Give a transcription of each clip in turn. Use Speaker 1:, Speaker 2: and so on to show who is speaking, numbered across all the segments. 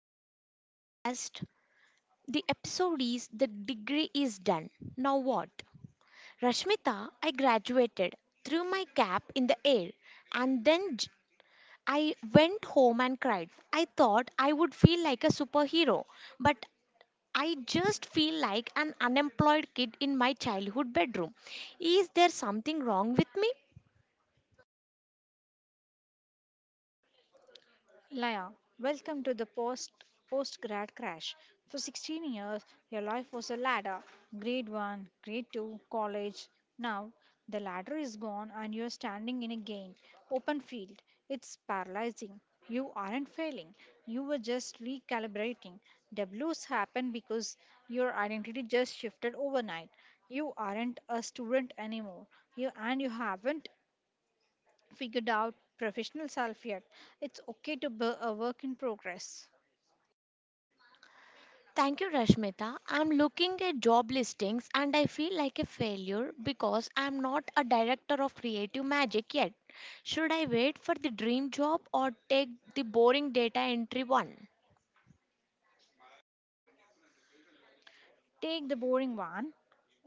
Speaker 1: to the podcast. The episode is The Degree is Done. Now what? Rashmita, I graduated, threw my cap in the air, and then j- I went home and cried. I thought I would feel like a superhero, but I just feel like an unemployed kid in my childhood bedroom. Is there something wrong with me?
Speaker 2: Laya, welcome to the post postgrad crash. For 16 years, your life was a ladder. Grade 1, grade 2, college. Now, the ladder is gone and you're standing in a game, open field. It's paralyzing. You aren't failing. You were just recalibrating. W's happen because your identity just shifted overnight. You aren't a student anymore. You haven't figured out professional self yet. It's okay to be a work in progress.
Speaker 1: Thank you, Rashmita. I'm looking at job listings and I feel like a failure because I'm not a director of creative magic yet. Should I wait for the dream job or take the boring data entry one?
Speaker 2: Take the boring one.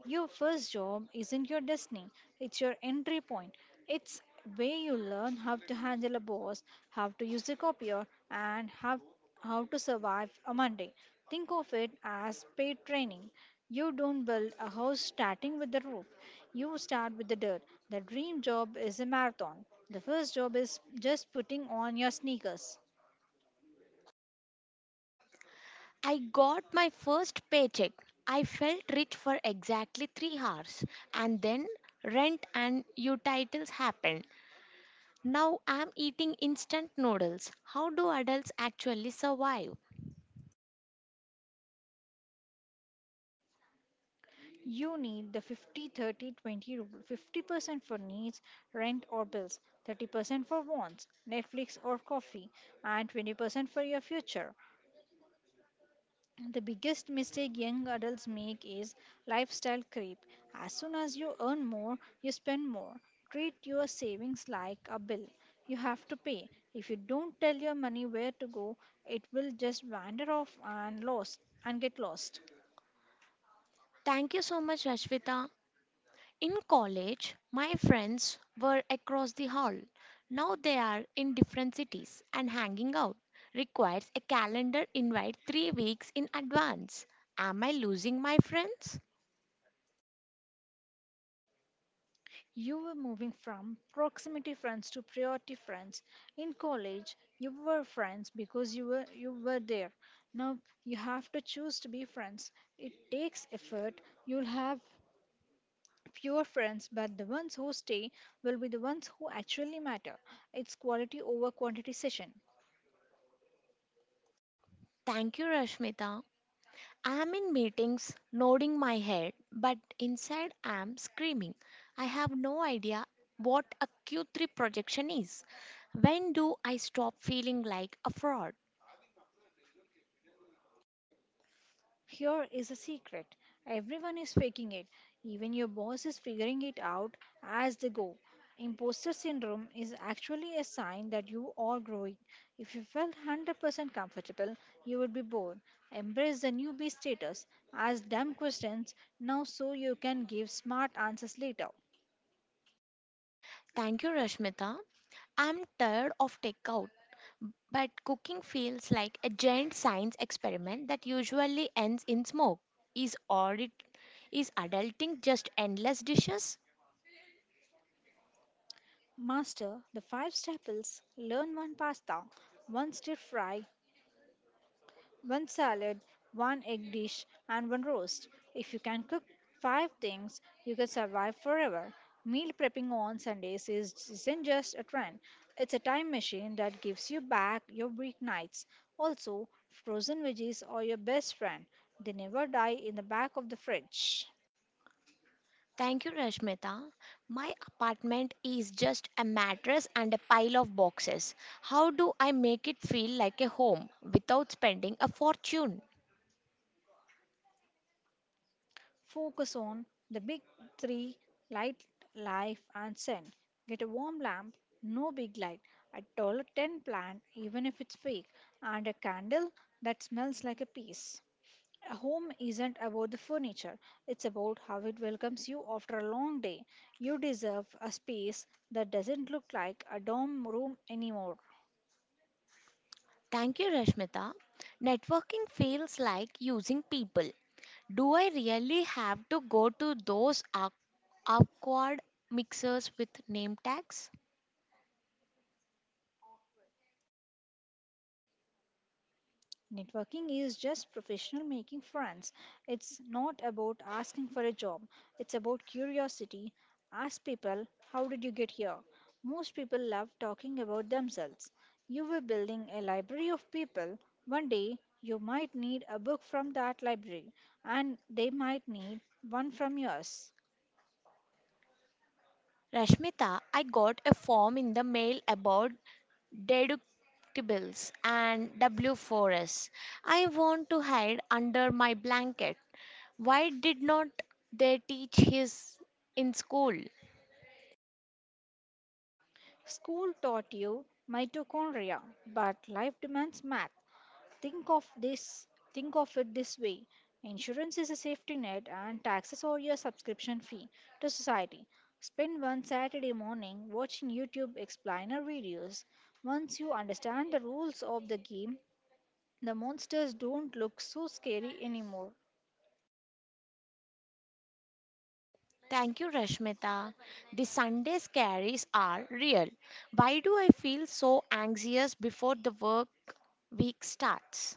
Speaker 2: Your first job isn't your destiny, it's your entry point. It's where you learn how to handle a boss, how to use a copier, and how to survive a Monday. Think of it as paid training. You don't build a house starting with the roof, you start with the dirt. The dream job is a marathon. The first job is just putting on your sneakers.
Speaker 1: I got my first paycheck. I felt rich for exactly 3 hours, and then rent and utilities happened. Now I'm eating instant noodles. How do adults actually survive?
Speaker 2: You need the 50 30 20 rule. 50% for needs, rent or bills, 30% for wants, Netflix or coffee, and 20% for your future. The biggest mistake young adults make is lifestyle creep. As soon as you earn more, you spend more. Treat your savings like a bill you have to pay. If you don't tell your money where to go, it will just wander off and lost and get lost.
Speaker 1: Thank you so much, Rashmita. In college, my friends were across the hall. Now they are in different cities and hanging out requires a calendar invite 3 weeks in advance. Am I losing my friends?
Speaker 2: You were moving from proximity friends to priority friends. In college, you were friends because you were there. Now you have to choose to be friends. It takes effort. You'll have fewer friends, but the ones who stay will be the ones who actually matter. It's quality over quantity session.
Speaker 1: Thank you, Rashmita. I am in meetings, nodding my head, but inside I am screaming. I have no idea what a Q3 projection is. When do I stop feeling like a fraud?
Speaker 2: Here is a secret: everyone is faking it, even your boss is figuring it out as they go. Imposter syndrome is actually a sign that you are growing. If you felt 100% comfortable, you would be bored. Embrace the newbie status. Ask dumb questions now so you can give smart answers later.
Speaker 1: Thank you, Rashmita. I'm tired of takeout, but cooking feels like a giant science experiment that usually ends in smoke. Is audit is adulting just endless dishes?
Speaker 2: Master the five staples, learn one pasta, one stir fry, one salad, one egg dish, and one roast. If you can cook five things, you can survive forever. Meal prepping on Sundays isn't just a trend, it's a time machine that gives you back your weeknights. Also, frozen veggies are your best friend, they never die in the back of the fridge.
Speaker 1: Thank you, Rashmita. My apartment is just a mattress and a pile of boxes. How do I make it feel like a home without spending a fortune?
Speaker 2: Focus on the big three: light, life, and scent. Get a warm lamp, no big light, a $10 plant, even if it's fake, and a candle that smells like a peace. A home isn't about the furniture, it's about how it welcomes you after a long day. You deserve a space that doesn't look like a dorm room anymore.
Speaker 1: Thank you, Rashmita. Networking feels like using people. Do I really have to go to those awkward mixers with name tags?
Speaker 2: Networking is just professional making friends. It's not about asking for a job. It's about curiosity. Ask people, how did you get here? Most people love talking about themselves. You were building a library of people. One day, you might need a book from that library, and they might need one from yours.
Speaker 1: Rashmita, I got a form in the mail about deductibles and W4s. I want to hide under my blanket. Why did not they teach his in school?
Speaker 2: School taught you mitochondria, but life demands math. Think of this think of it this way. Insurance is a safety net and taxes are your subscription fee to society. Spend one Saturday morning watching YouTube explainer videos. Once you understand the rules of the game, the monsters don't look so scary anymore.
Speaker 1: Thank you, Rashmita. The Sunday scaries are real. Why do I feel so anxious before the work week starts?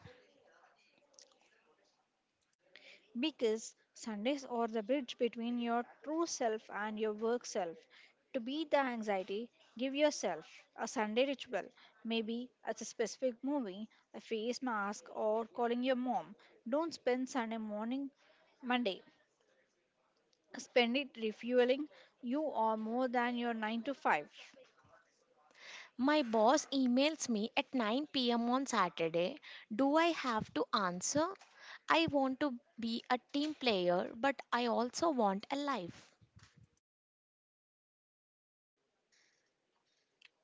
Speaker 2: Because Sundays are the bridge between your true self and your work self. To beat the anxiety, give yourself a Sunday ritual. Maybe it's a specific movie, a face mask, or calling your mom. Don't spend Sunday morning, Monday. Spend it refueling. You are more than your 9 to 5.
Speaker 1: My boss emails me at 9 p.m. on Saturday. Do I have to answer? I want to be a team player, but I also want a life.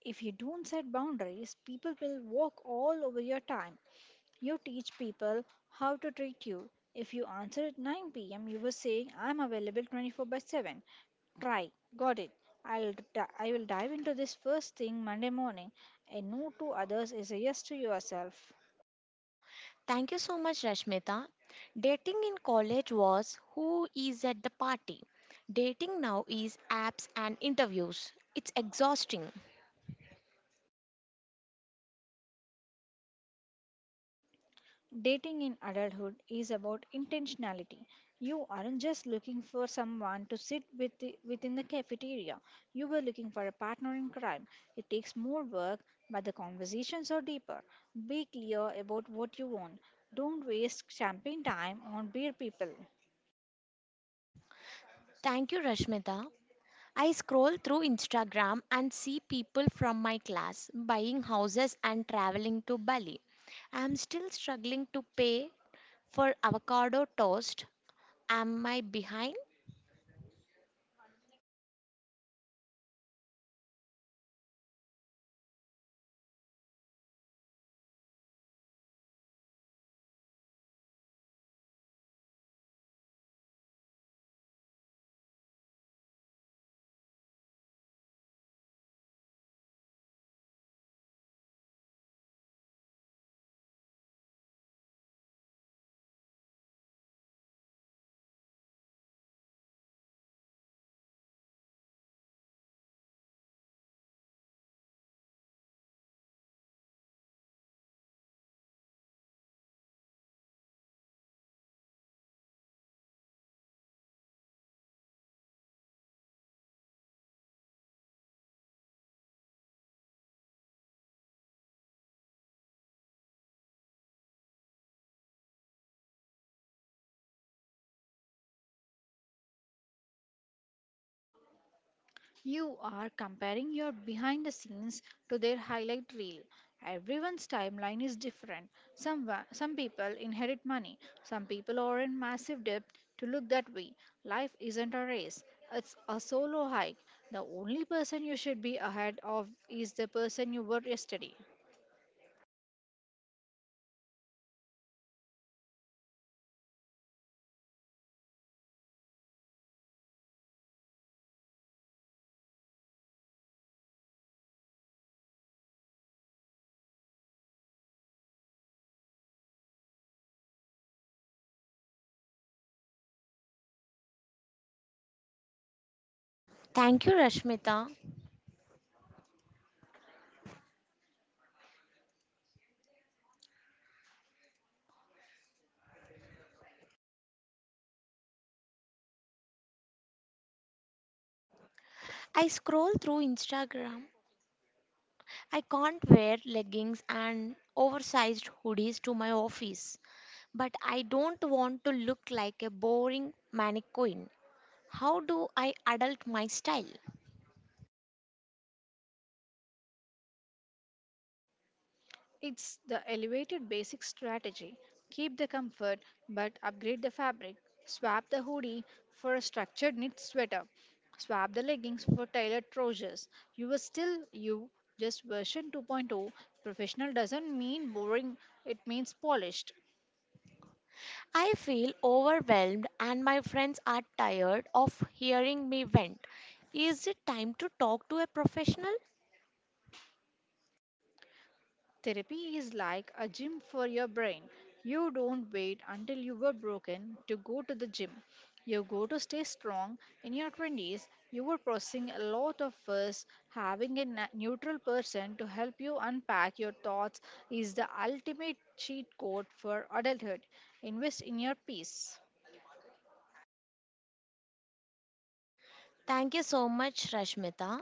Speaker 2: If you don't set boundaries, people will walk all over your time. You teach people how to treat you. If you answer at 9 p.m., you were saying, I'm available 24 by 7. Try, got it. I will dive into this first thing Monday morning. A no to others is a yes to yourself.
Speaker 1: Thank you so much, Rashmita. Dating in college was who is at the party. Dating now is apps and interviews. It's exhausting.
Speaker 2: Dating in adulthood is about intentionality. You aren't just looking for someone to sit within the cafeteria. You were looking for a partner in crime. It takes more work, but the conversations are deeper. Be clear about what you want. Don't waste champagne time on beer people.
Speaker 1: Thank you, Rashmita. I scroll through Instagram and see people from my class buying houses and traveling to Bali. I'm still struggling to pay for avocado toast. Am I behind?
Speaker 2: You are comparing your behind the scenes to their highlight reel. Everyone's timeline is different. Some people inherit money, some people are in massive debt to look that way. Life isn't a race, it's a solo hike. The only person you should be ahead of is the person you were yesterday.
Speaker 1: Thank you, Rashmita. I scroll through Instagram. I can't wear leggings and oversized hoodies to my office, but I don't want to look like a boring mannequin. How do I adult my style?
Speaker 2: It's the elevated basic strategy. Keep the comfort but upgrade the fabric. Swap the hoodie for a structured knit sweater. Swap the leggings for tailored trousers. You are still you, just version 2.0. Professional doesn't mean boring, it means polished.
Speaker 1: I feel overwhelmed and my friends are tired of hearing me vent. Is it time to talk to a professional?
Speaker 2: Therapy is like a gym for your brain. You don't wait until you were broken to go to the gym. You go to stay strong. In your 20s, you were processing a lot of fuss. Having a neutral person to help you unpack your thoughts is the ultimate cheat code for adulthood. Invest in your peace.
Speaker 1: Thank you so much, Rashmita.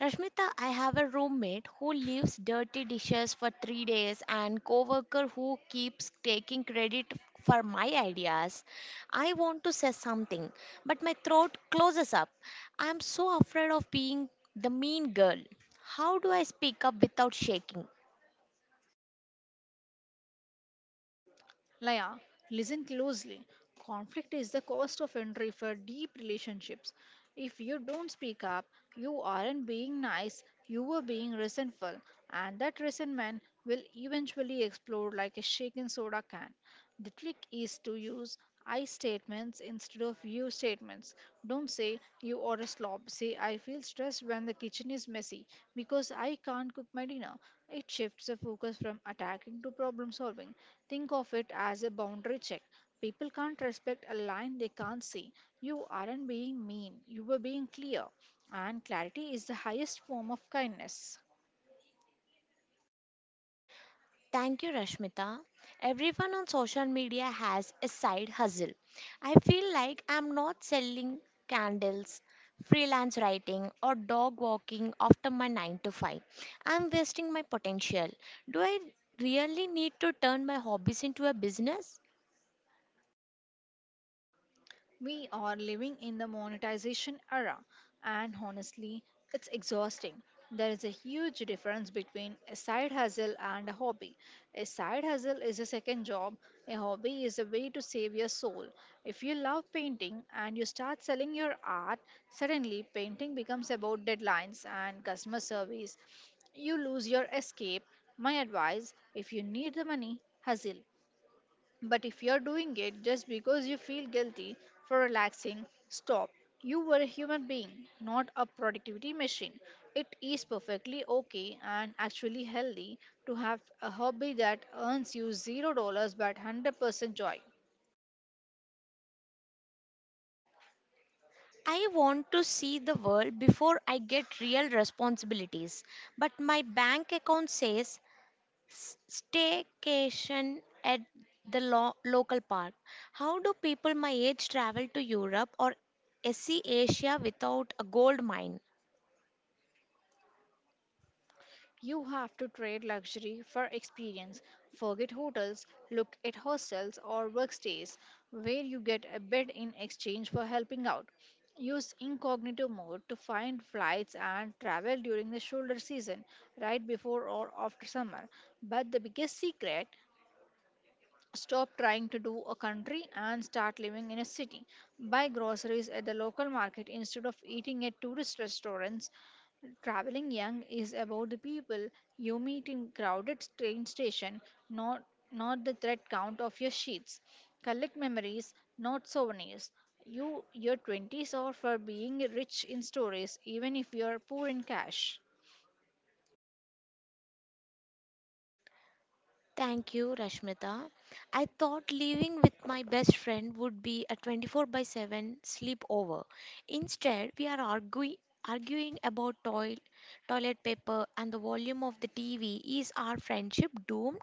Speaker 1: Rashmita, I have a roommate who leaves dirty dishes for 3 days and coworker who keeps taking credit for my ideas. I want to say something, but my throat closes up. I'm so afraid of being the mean girl. How do I speak up without shaking?
Speaker 2: Laya, listen closely. Conflict is the cost of entry for deep relationships. If you don't speak up, you aren't being nice, you are being resentful, and that resentment will eventually explode like a shaken soda can. The trick is to use I statements instead of you statements. Don't say you are a slob. Say I feel stressed when the kitchen is messy because I can't cook my dinner. It shifts the focus from attacking to problem solving. Think of it as a boundary check. People can't respect a line they can't see. You aren't being mean, you were being clear. And clarity is the highest form of kindness.
Speaker 1: Thank you, Rashmita. Everyone on social media has a side hustle. I feel like I'm not selling candles, freelance writing, or dog walking after my 9 to 5. I'm wasting my potential. Do I really need to turn my hobbies into a business?
Speaker 2: We are living in the monetization era, and honestly, it's exhausting. There is a huge difference between a side hustle and a hobby. A side hustle is a second job, a hobby is a way to save your soul. If you love painting and you start selling your art, suddenly painting becomes about deadlines and customer service. You lose your escape. My advice: if you need the money, hustle. But if you're doing it just because you feel guilty for relaxing, stop. You were a human being, not a productivity machine. It is perfectly okay and actually healthy to have a hobby that earns you $0 but 100% joy.
Speaker 1: I want to see the world before I get real responsibilities, but my bank account says staycation at the local park. How do people my age travel to Europe or SE Asia without a gold mine?
Speaker 2: You have to trade luxury for experience. Forget hotels, look at hostels or workstays where you get a bed in exchange for helping out. Use incognito mode to find flights and travel during the shoulder season, right before or after summer. But the biggest secret: stop trying to do a country and start living in a city. Buy groceries at the local market instead of eating at tourist restaurants. Traveling young is about the people you meet in crowded train station, not not the thread count of your sheets. Collect memories, not souvenirs. Your twenties are for being rich in stories, even if you are poor in cash.
Speaker 1: Thank you, Rashmita. I thought living with my best friend would be a 24 by 7 sleepover. Instead, we are arguing about toilet paper and the volume of the TV. Is our friendship doomed?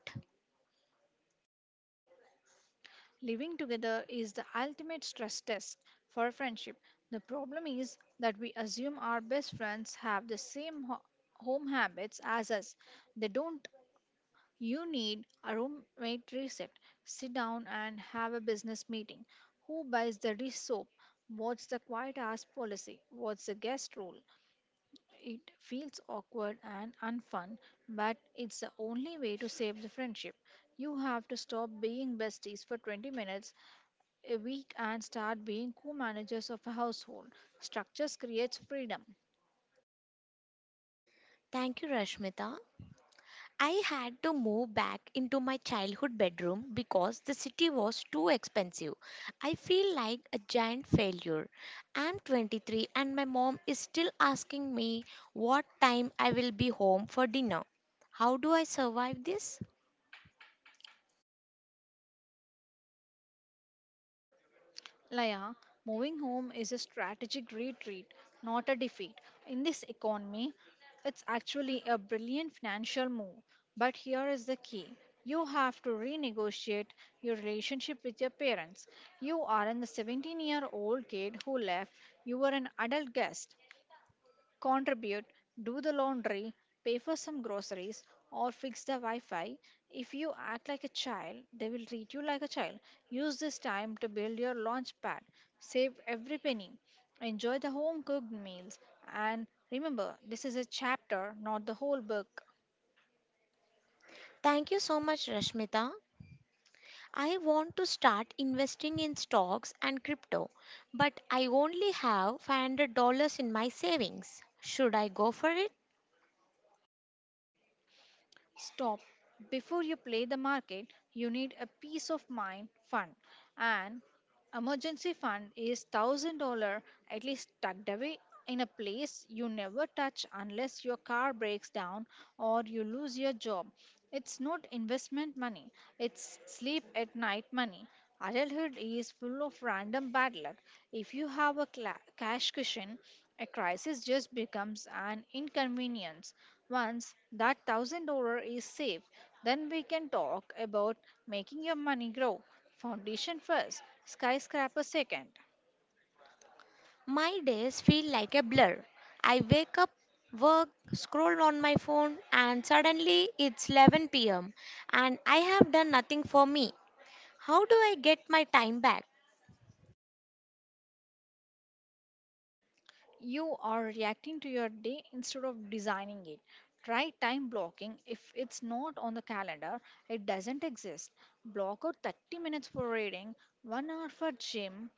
Speaker 2: Living together is the ultimate stress test for friendship. The problem is that we assume our best friends have the same home habits as us. They don't. You need a roommate reset. Sit down and have a business meeting. Who buys the dish soap? What's the quiet hours policy? What's the guest rule? It feels awkward and unfun, but it's the only way to save the friendship. You have to stop being besties for 20 minutes a week and start being co-managers of a household. Structures creates freedom.
Speaker 1: Thank you, Rashmita. I had to move back into my childhood bedroom because the city was too expensive. I feel like a giant failure. I'm 23 and my mom is still asking me what time I will be home for dinner. How do I survive this?
Speaker 2: Laya, moving home is a strategic retreat, not a defeat. In this economy, it's actually a brilliant financial move. But here is the key. You have to renegotiate your relationship with your parents. You aren't the 17-year-old kid who left, you were an adult guest. Contribute, do the laundry, pay for some groceries, or fix the Wi Fi. If you act like a child, they will treat you like a child. Use this time to build your launch pad. Save every penny. Enjoy the home cooked meals. And remember, this is a chapter, not the whole book.
Speaker 1: Thank you so much, Rashmita. I want to start investing in stocks and crypto, but I only have $500 in my savings. Should I go for it?
Speaker 2: Stop. Before you play the market, you need a peace of mind fund. And emergency fund is $1,000 at least, tucked away in a place you never touch unless your car breaks down or you lose your job. It's not investment money, it's sleep at night money. Adulthood is full of random bad luck. If you have a cla cash cushion, a crisis just becomes an inconvenience. Once that $1,000 is safe, then we can talk about making your money grow. Foundation first, skyscraper second.
Speaker 1: My days feel like a blur. I wake up, work, scroll on my phone, and suddenly it's 11 p.m. and I have done nothing for me. How do I get my time back?
Speaker 2: You are reacting to your day instead of designing it. Try time blocking. If it's not on the calendar, it doesn't exist. Block out 30 minutes for reading, 1 hour for gym,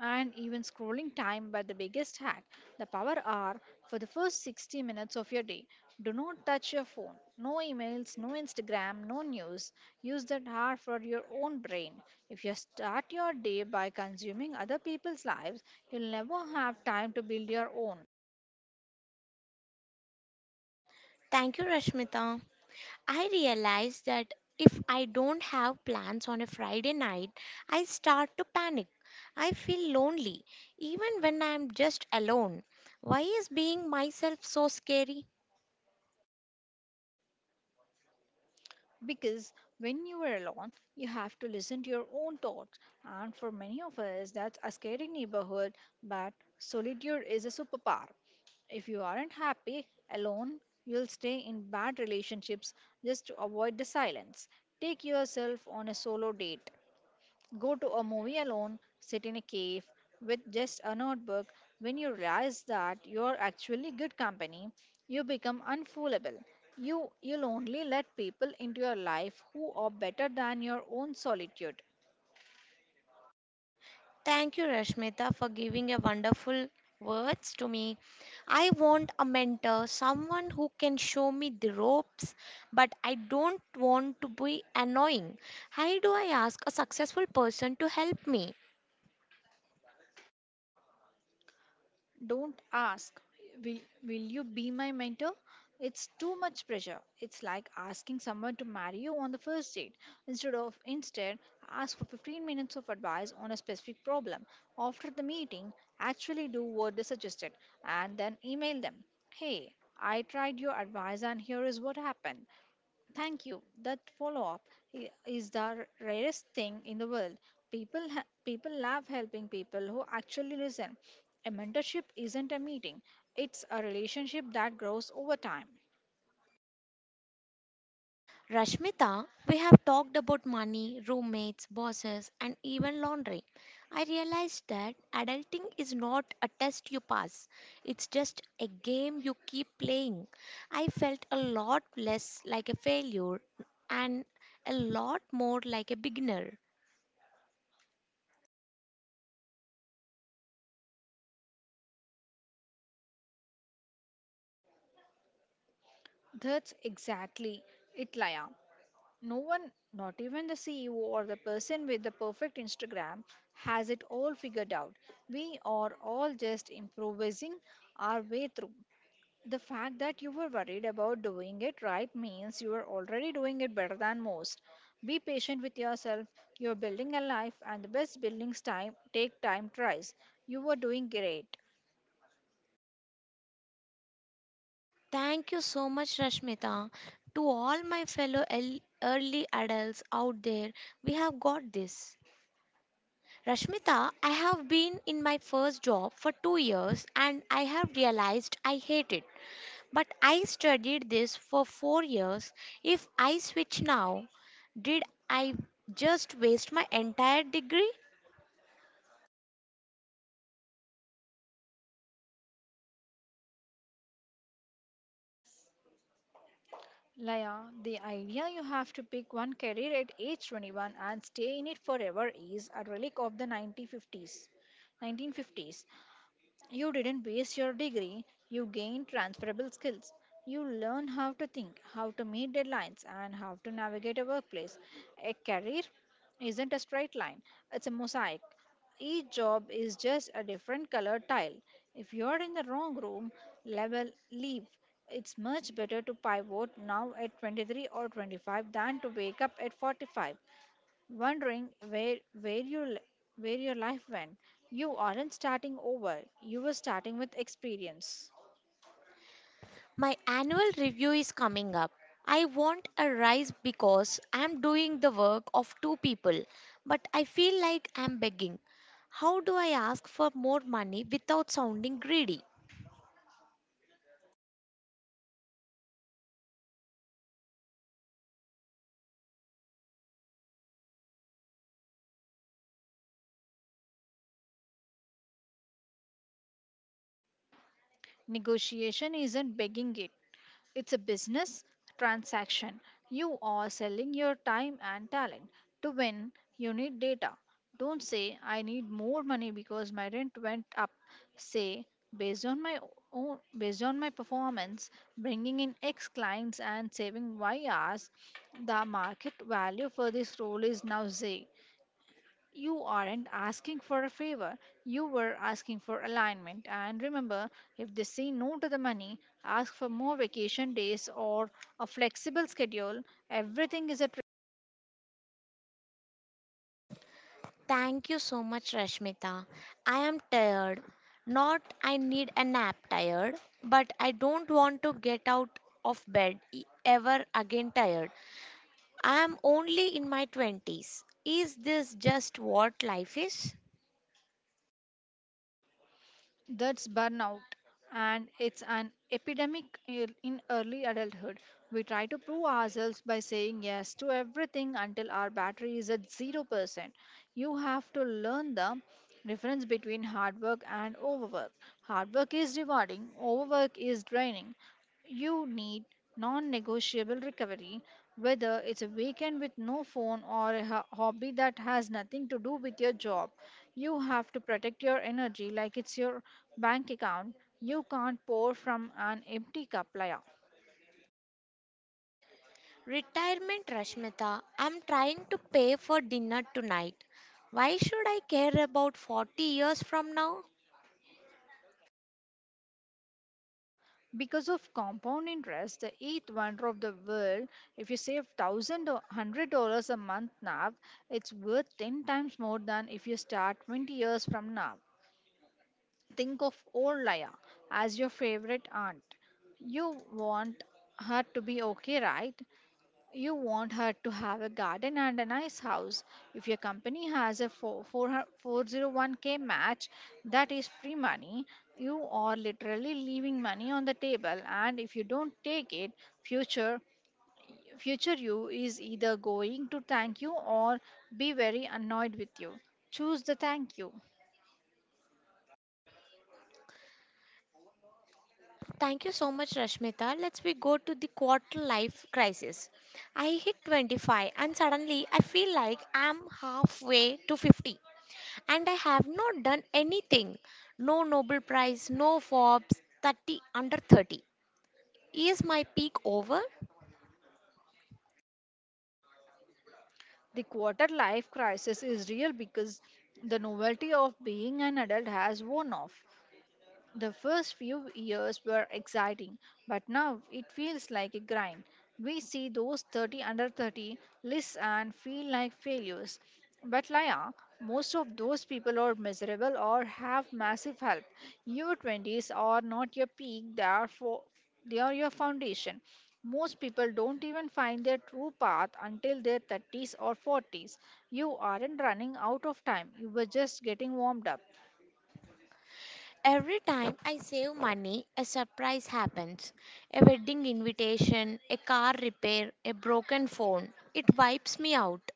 Speaker 2: and even scrolling time by the biggest hack, the power hour. For the first 60 minutes of your day, do not touch your phone. No emails, no Instagram, no news. Use that hour for your own brain. If you start your day by consuming other people's lives, you'll never have time to build your own.
Speaker 1: Thank you, Rashmita. I realize that if I don't have plans on a Friday night, I start to panic. I feel lonely, even when I'm just alone. Why is being myself so scary?
Speaker 2: Because when you are alone, you have to listen to your own thoughts, and for many of us, that's a scary neighborhood. But solitude is a superpower. If you aren't happy alone, you'll stay in bad relationships just to avoid the silence. Take yourself on a solo date. Go to a movie alone, sit in a cave with just a notebook. When you realize that you're actually good company, you become unfoolable. You'll only let people into your life who are better than your own solitude.
Speaker 1: Thank you, Rashmita, for giving a wonderful words to me. I want a mentor, someone who can show me the ropes, but I don't want to be annoying. How do I ask a successful person to help me?
Speaker 2: Don't ask, will you be my mentor? It's too much pressure. It's like asking someone to marry you on the first date. Instead of instead, Ask for 15 minutes of advice on a specific problem. After the meeting, actually do what they suggested and then email them. Hey, I tried your advice and here is what happened. Thank you. That follow up is the rarest thing in the world. People love helping people who actually listen. A mentorship isn't a meeting. It's a relationship that grows over time.
Speaker 1: Rashmita, we have talked about money, roommates, bosses, and even laundry. I realized that adulting is not a test you pass, it's just a game you keep playing. I felt a lot less like a failure and a lot more like a beginner.
Speaker 2: That's exactly it, Laya. No one, not even the CEO or the person with the perfect Instagram, has it all figured out. We are all just improvising our way through. The fact that you were worried about doing it right means you are already doing it better than most. Be patient with yourself. You're building a life, and the best buildings time take time tries. You are doing great.
Speaker 1: Thank you so much, Rashmita. To all my fellow early adults out there, we have got this. Rashmita, I have been in my first job for 2 years and I have realized I hate it. But I studied this for 4 years. If I switch now, did I just waste my entire degree?
Speaker 2: Laya, the idea you have to pick one career at age 21 and stay in it forever is a relic of the 1950s. 1950s. You didn't waste your degree, you gained transferable skills. You learn how to think, how to meet deadlines, and how to navigate a workplace. A career isn't a straight line, it's a mosaic. Each job is just a different colored tile. If you're in the wrong room, level leave. It's much better to pivot now at 23 or 25 than to wake up at 45 wondering where where your life went. You aren't starting over. You were starting with experience.
Speaker 1: My annual review is coming up. I want a rise because I'm doing the work of two people, but I feel like I'm begging. How do I ask for more money without sounding greedy?
Speaker 2: Negotiation isn't begging it. It's a business transaction. You are selling your time and talent. To win, you need data. Don't say, I need more money because my rent went up. Say, based on my based on my performance, bringing in X clients and saving Y hours, the market value for this role is now Z. You aren't asking for a favor, you were asking for alignment. And remember, if they say no to the money, ask for more vacation days or a flexible schedule. Everything is a...
Speaker 1: Thank you so much, Rashmita. I am tired. Not I need a nap tired, but I don't want to get out of bed ever again tired. I am only in my 20s. Is this just what life is?
Speaker 2: That's burnout, and it's an epidemic in early adulthood. We try to prove ourselves by saying yes to everything until our battery is at 0%. You have to learn the difference between hard work and overwork. Hard work is rewarding, overwork is draining. You need non negotiable recovery, whether it's a weekend with no phone or a hobby that has nothing to do with your job. You have to protect your energy like it's your bank account. You can't pour from an empty cup, Laya.
Speaker 1: Retirement, Rashmita. I'm trying to pay for dinner tonight. Why should I care about 40 years from now?
Speaker 2: Because of compound interest, the eighth wonder of the world, if you save $1,000 or $100 a month now, it's worth ten times more than if you start 20 years from now. Think of old Laya as your favorite aunt. You want her to be okay, right? You want her to have a garden and a nice house. If your company has a 401k match, that is free money. You are literally leaving money on the table, and if you don't take it, future future you is either going to thank you or be very annoyed with you. Choose the thank you.
Speaker 1: Thank you so much, Rashmita. Let's we go to the quarter life crisis. I hit 25 and suddenly I feel like I'm halfway to 50 and I have not done anything. No Nobel Prize, no Forbes, 30 under 30. Is my peak over?
Speaker 2: The quarter life crisis is real because the novelty of being an adult has worn off. The first few years were exciting, but now it feels like a grind. We see those 30 under 30 lists and feel like failures. But Laya, most of those people are miserable or have massive help. Your 20s are not your peak, they are your foundation. Most people don't even find their true path until their 30s or 40s. You aren't running out of time, you were just getting warmed up.
Speaker 1: Every time I save money, a surprise happens. A wedding invitation, a car repair, a broken phone. It wipes me out.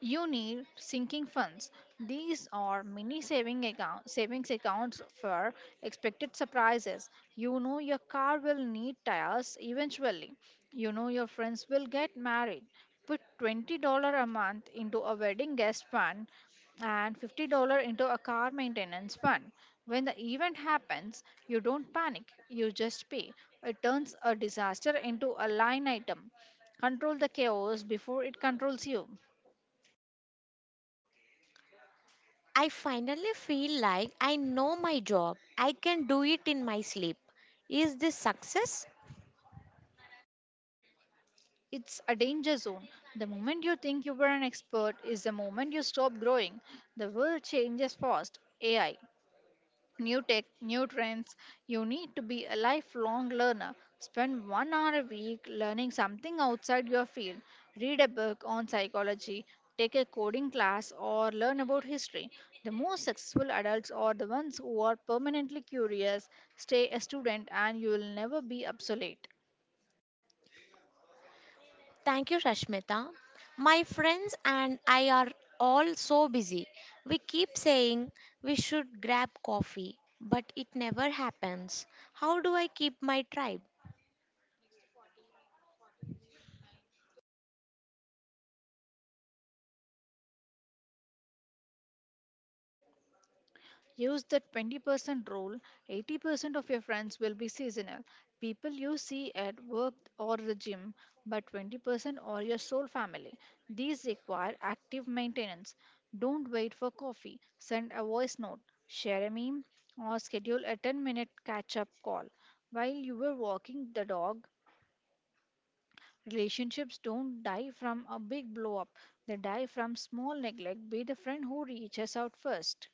Speaker 2: You need sinking funds. These are mini savings accounts for expected surprises. You know your car will need tires eventually. You know your friends will get married. Put $20 a month into a wedding guest fund and $50 into a car maintenance fund. When the event happens, you don't panic, you just pay. It turns a disaster into a line item. Control the chaos before it controls you.
Speaker 1: I finally feel like I know my job. I can do it in my sleep. Is this success?
Speaker 2: It's a danger zone. The moment you think you were an expert is the moment you stop growing. The world changes fast. AI, new tech, new trends. You need to be a lifelong learner. Spend 1 hour a week learning something outside your field. Read a book on psychology, take a coding class, or learn about history. The most successful adults are the ones who are permanently curious. Stay a student, and you will never be obsolete.
Speaker 1: Thank you, Rashmita. My friends and I are all so busy. We keep saying we should grab coffee, but it never happens. How do I keep my tribe?
Speaker 2: Use the 20% rule. 80% of your friends will be seasonal. People you see at work or the gym, but 20% are your soul family. These require active maintenance. Don't wait for coffee. Send a voice note, share a meme, or schedule a 10-minute catch up call while you were walking the dog. Relationships don't die from a big blow up, they die from small neglect. Be the friend who reaches out first.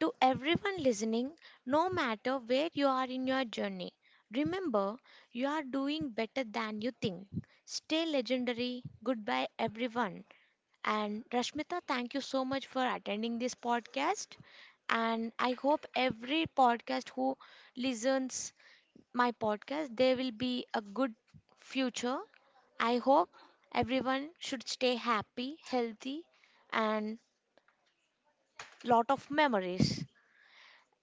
Speaker 1: To everyone listening, no matter where you are in your journey, remember you are doing better than you think. Stay legendary. Goodbye, everyone. And Rashmita, thank you so much for attending this podcast. And I hope every podcast who listens my podcast, there will be a good future. I hope everyone should stay happy, healthy, and lot of memories.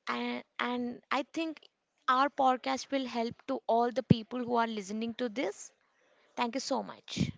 Speaker 1: And I think our podcast will help to all the people who are listening to this. Thank you so much.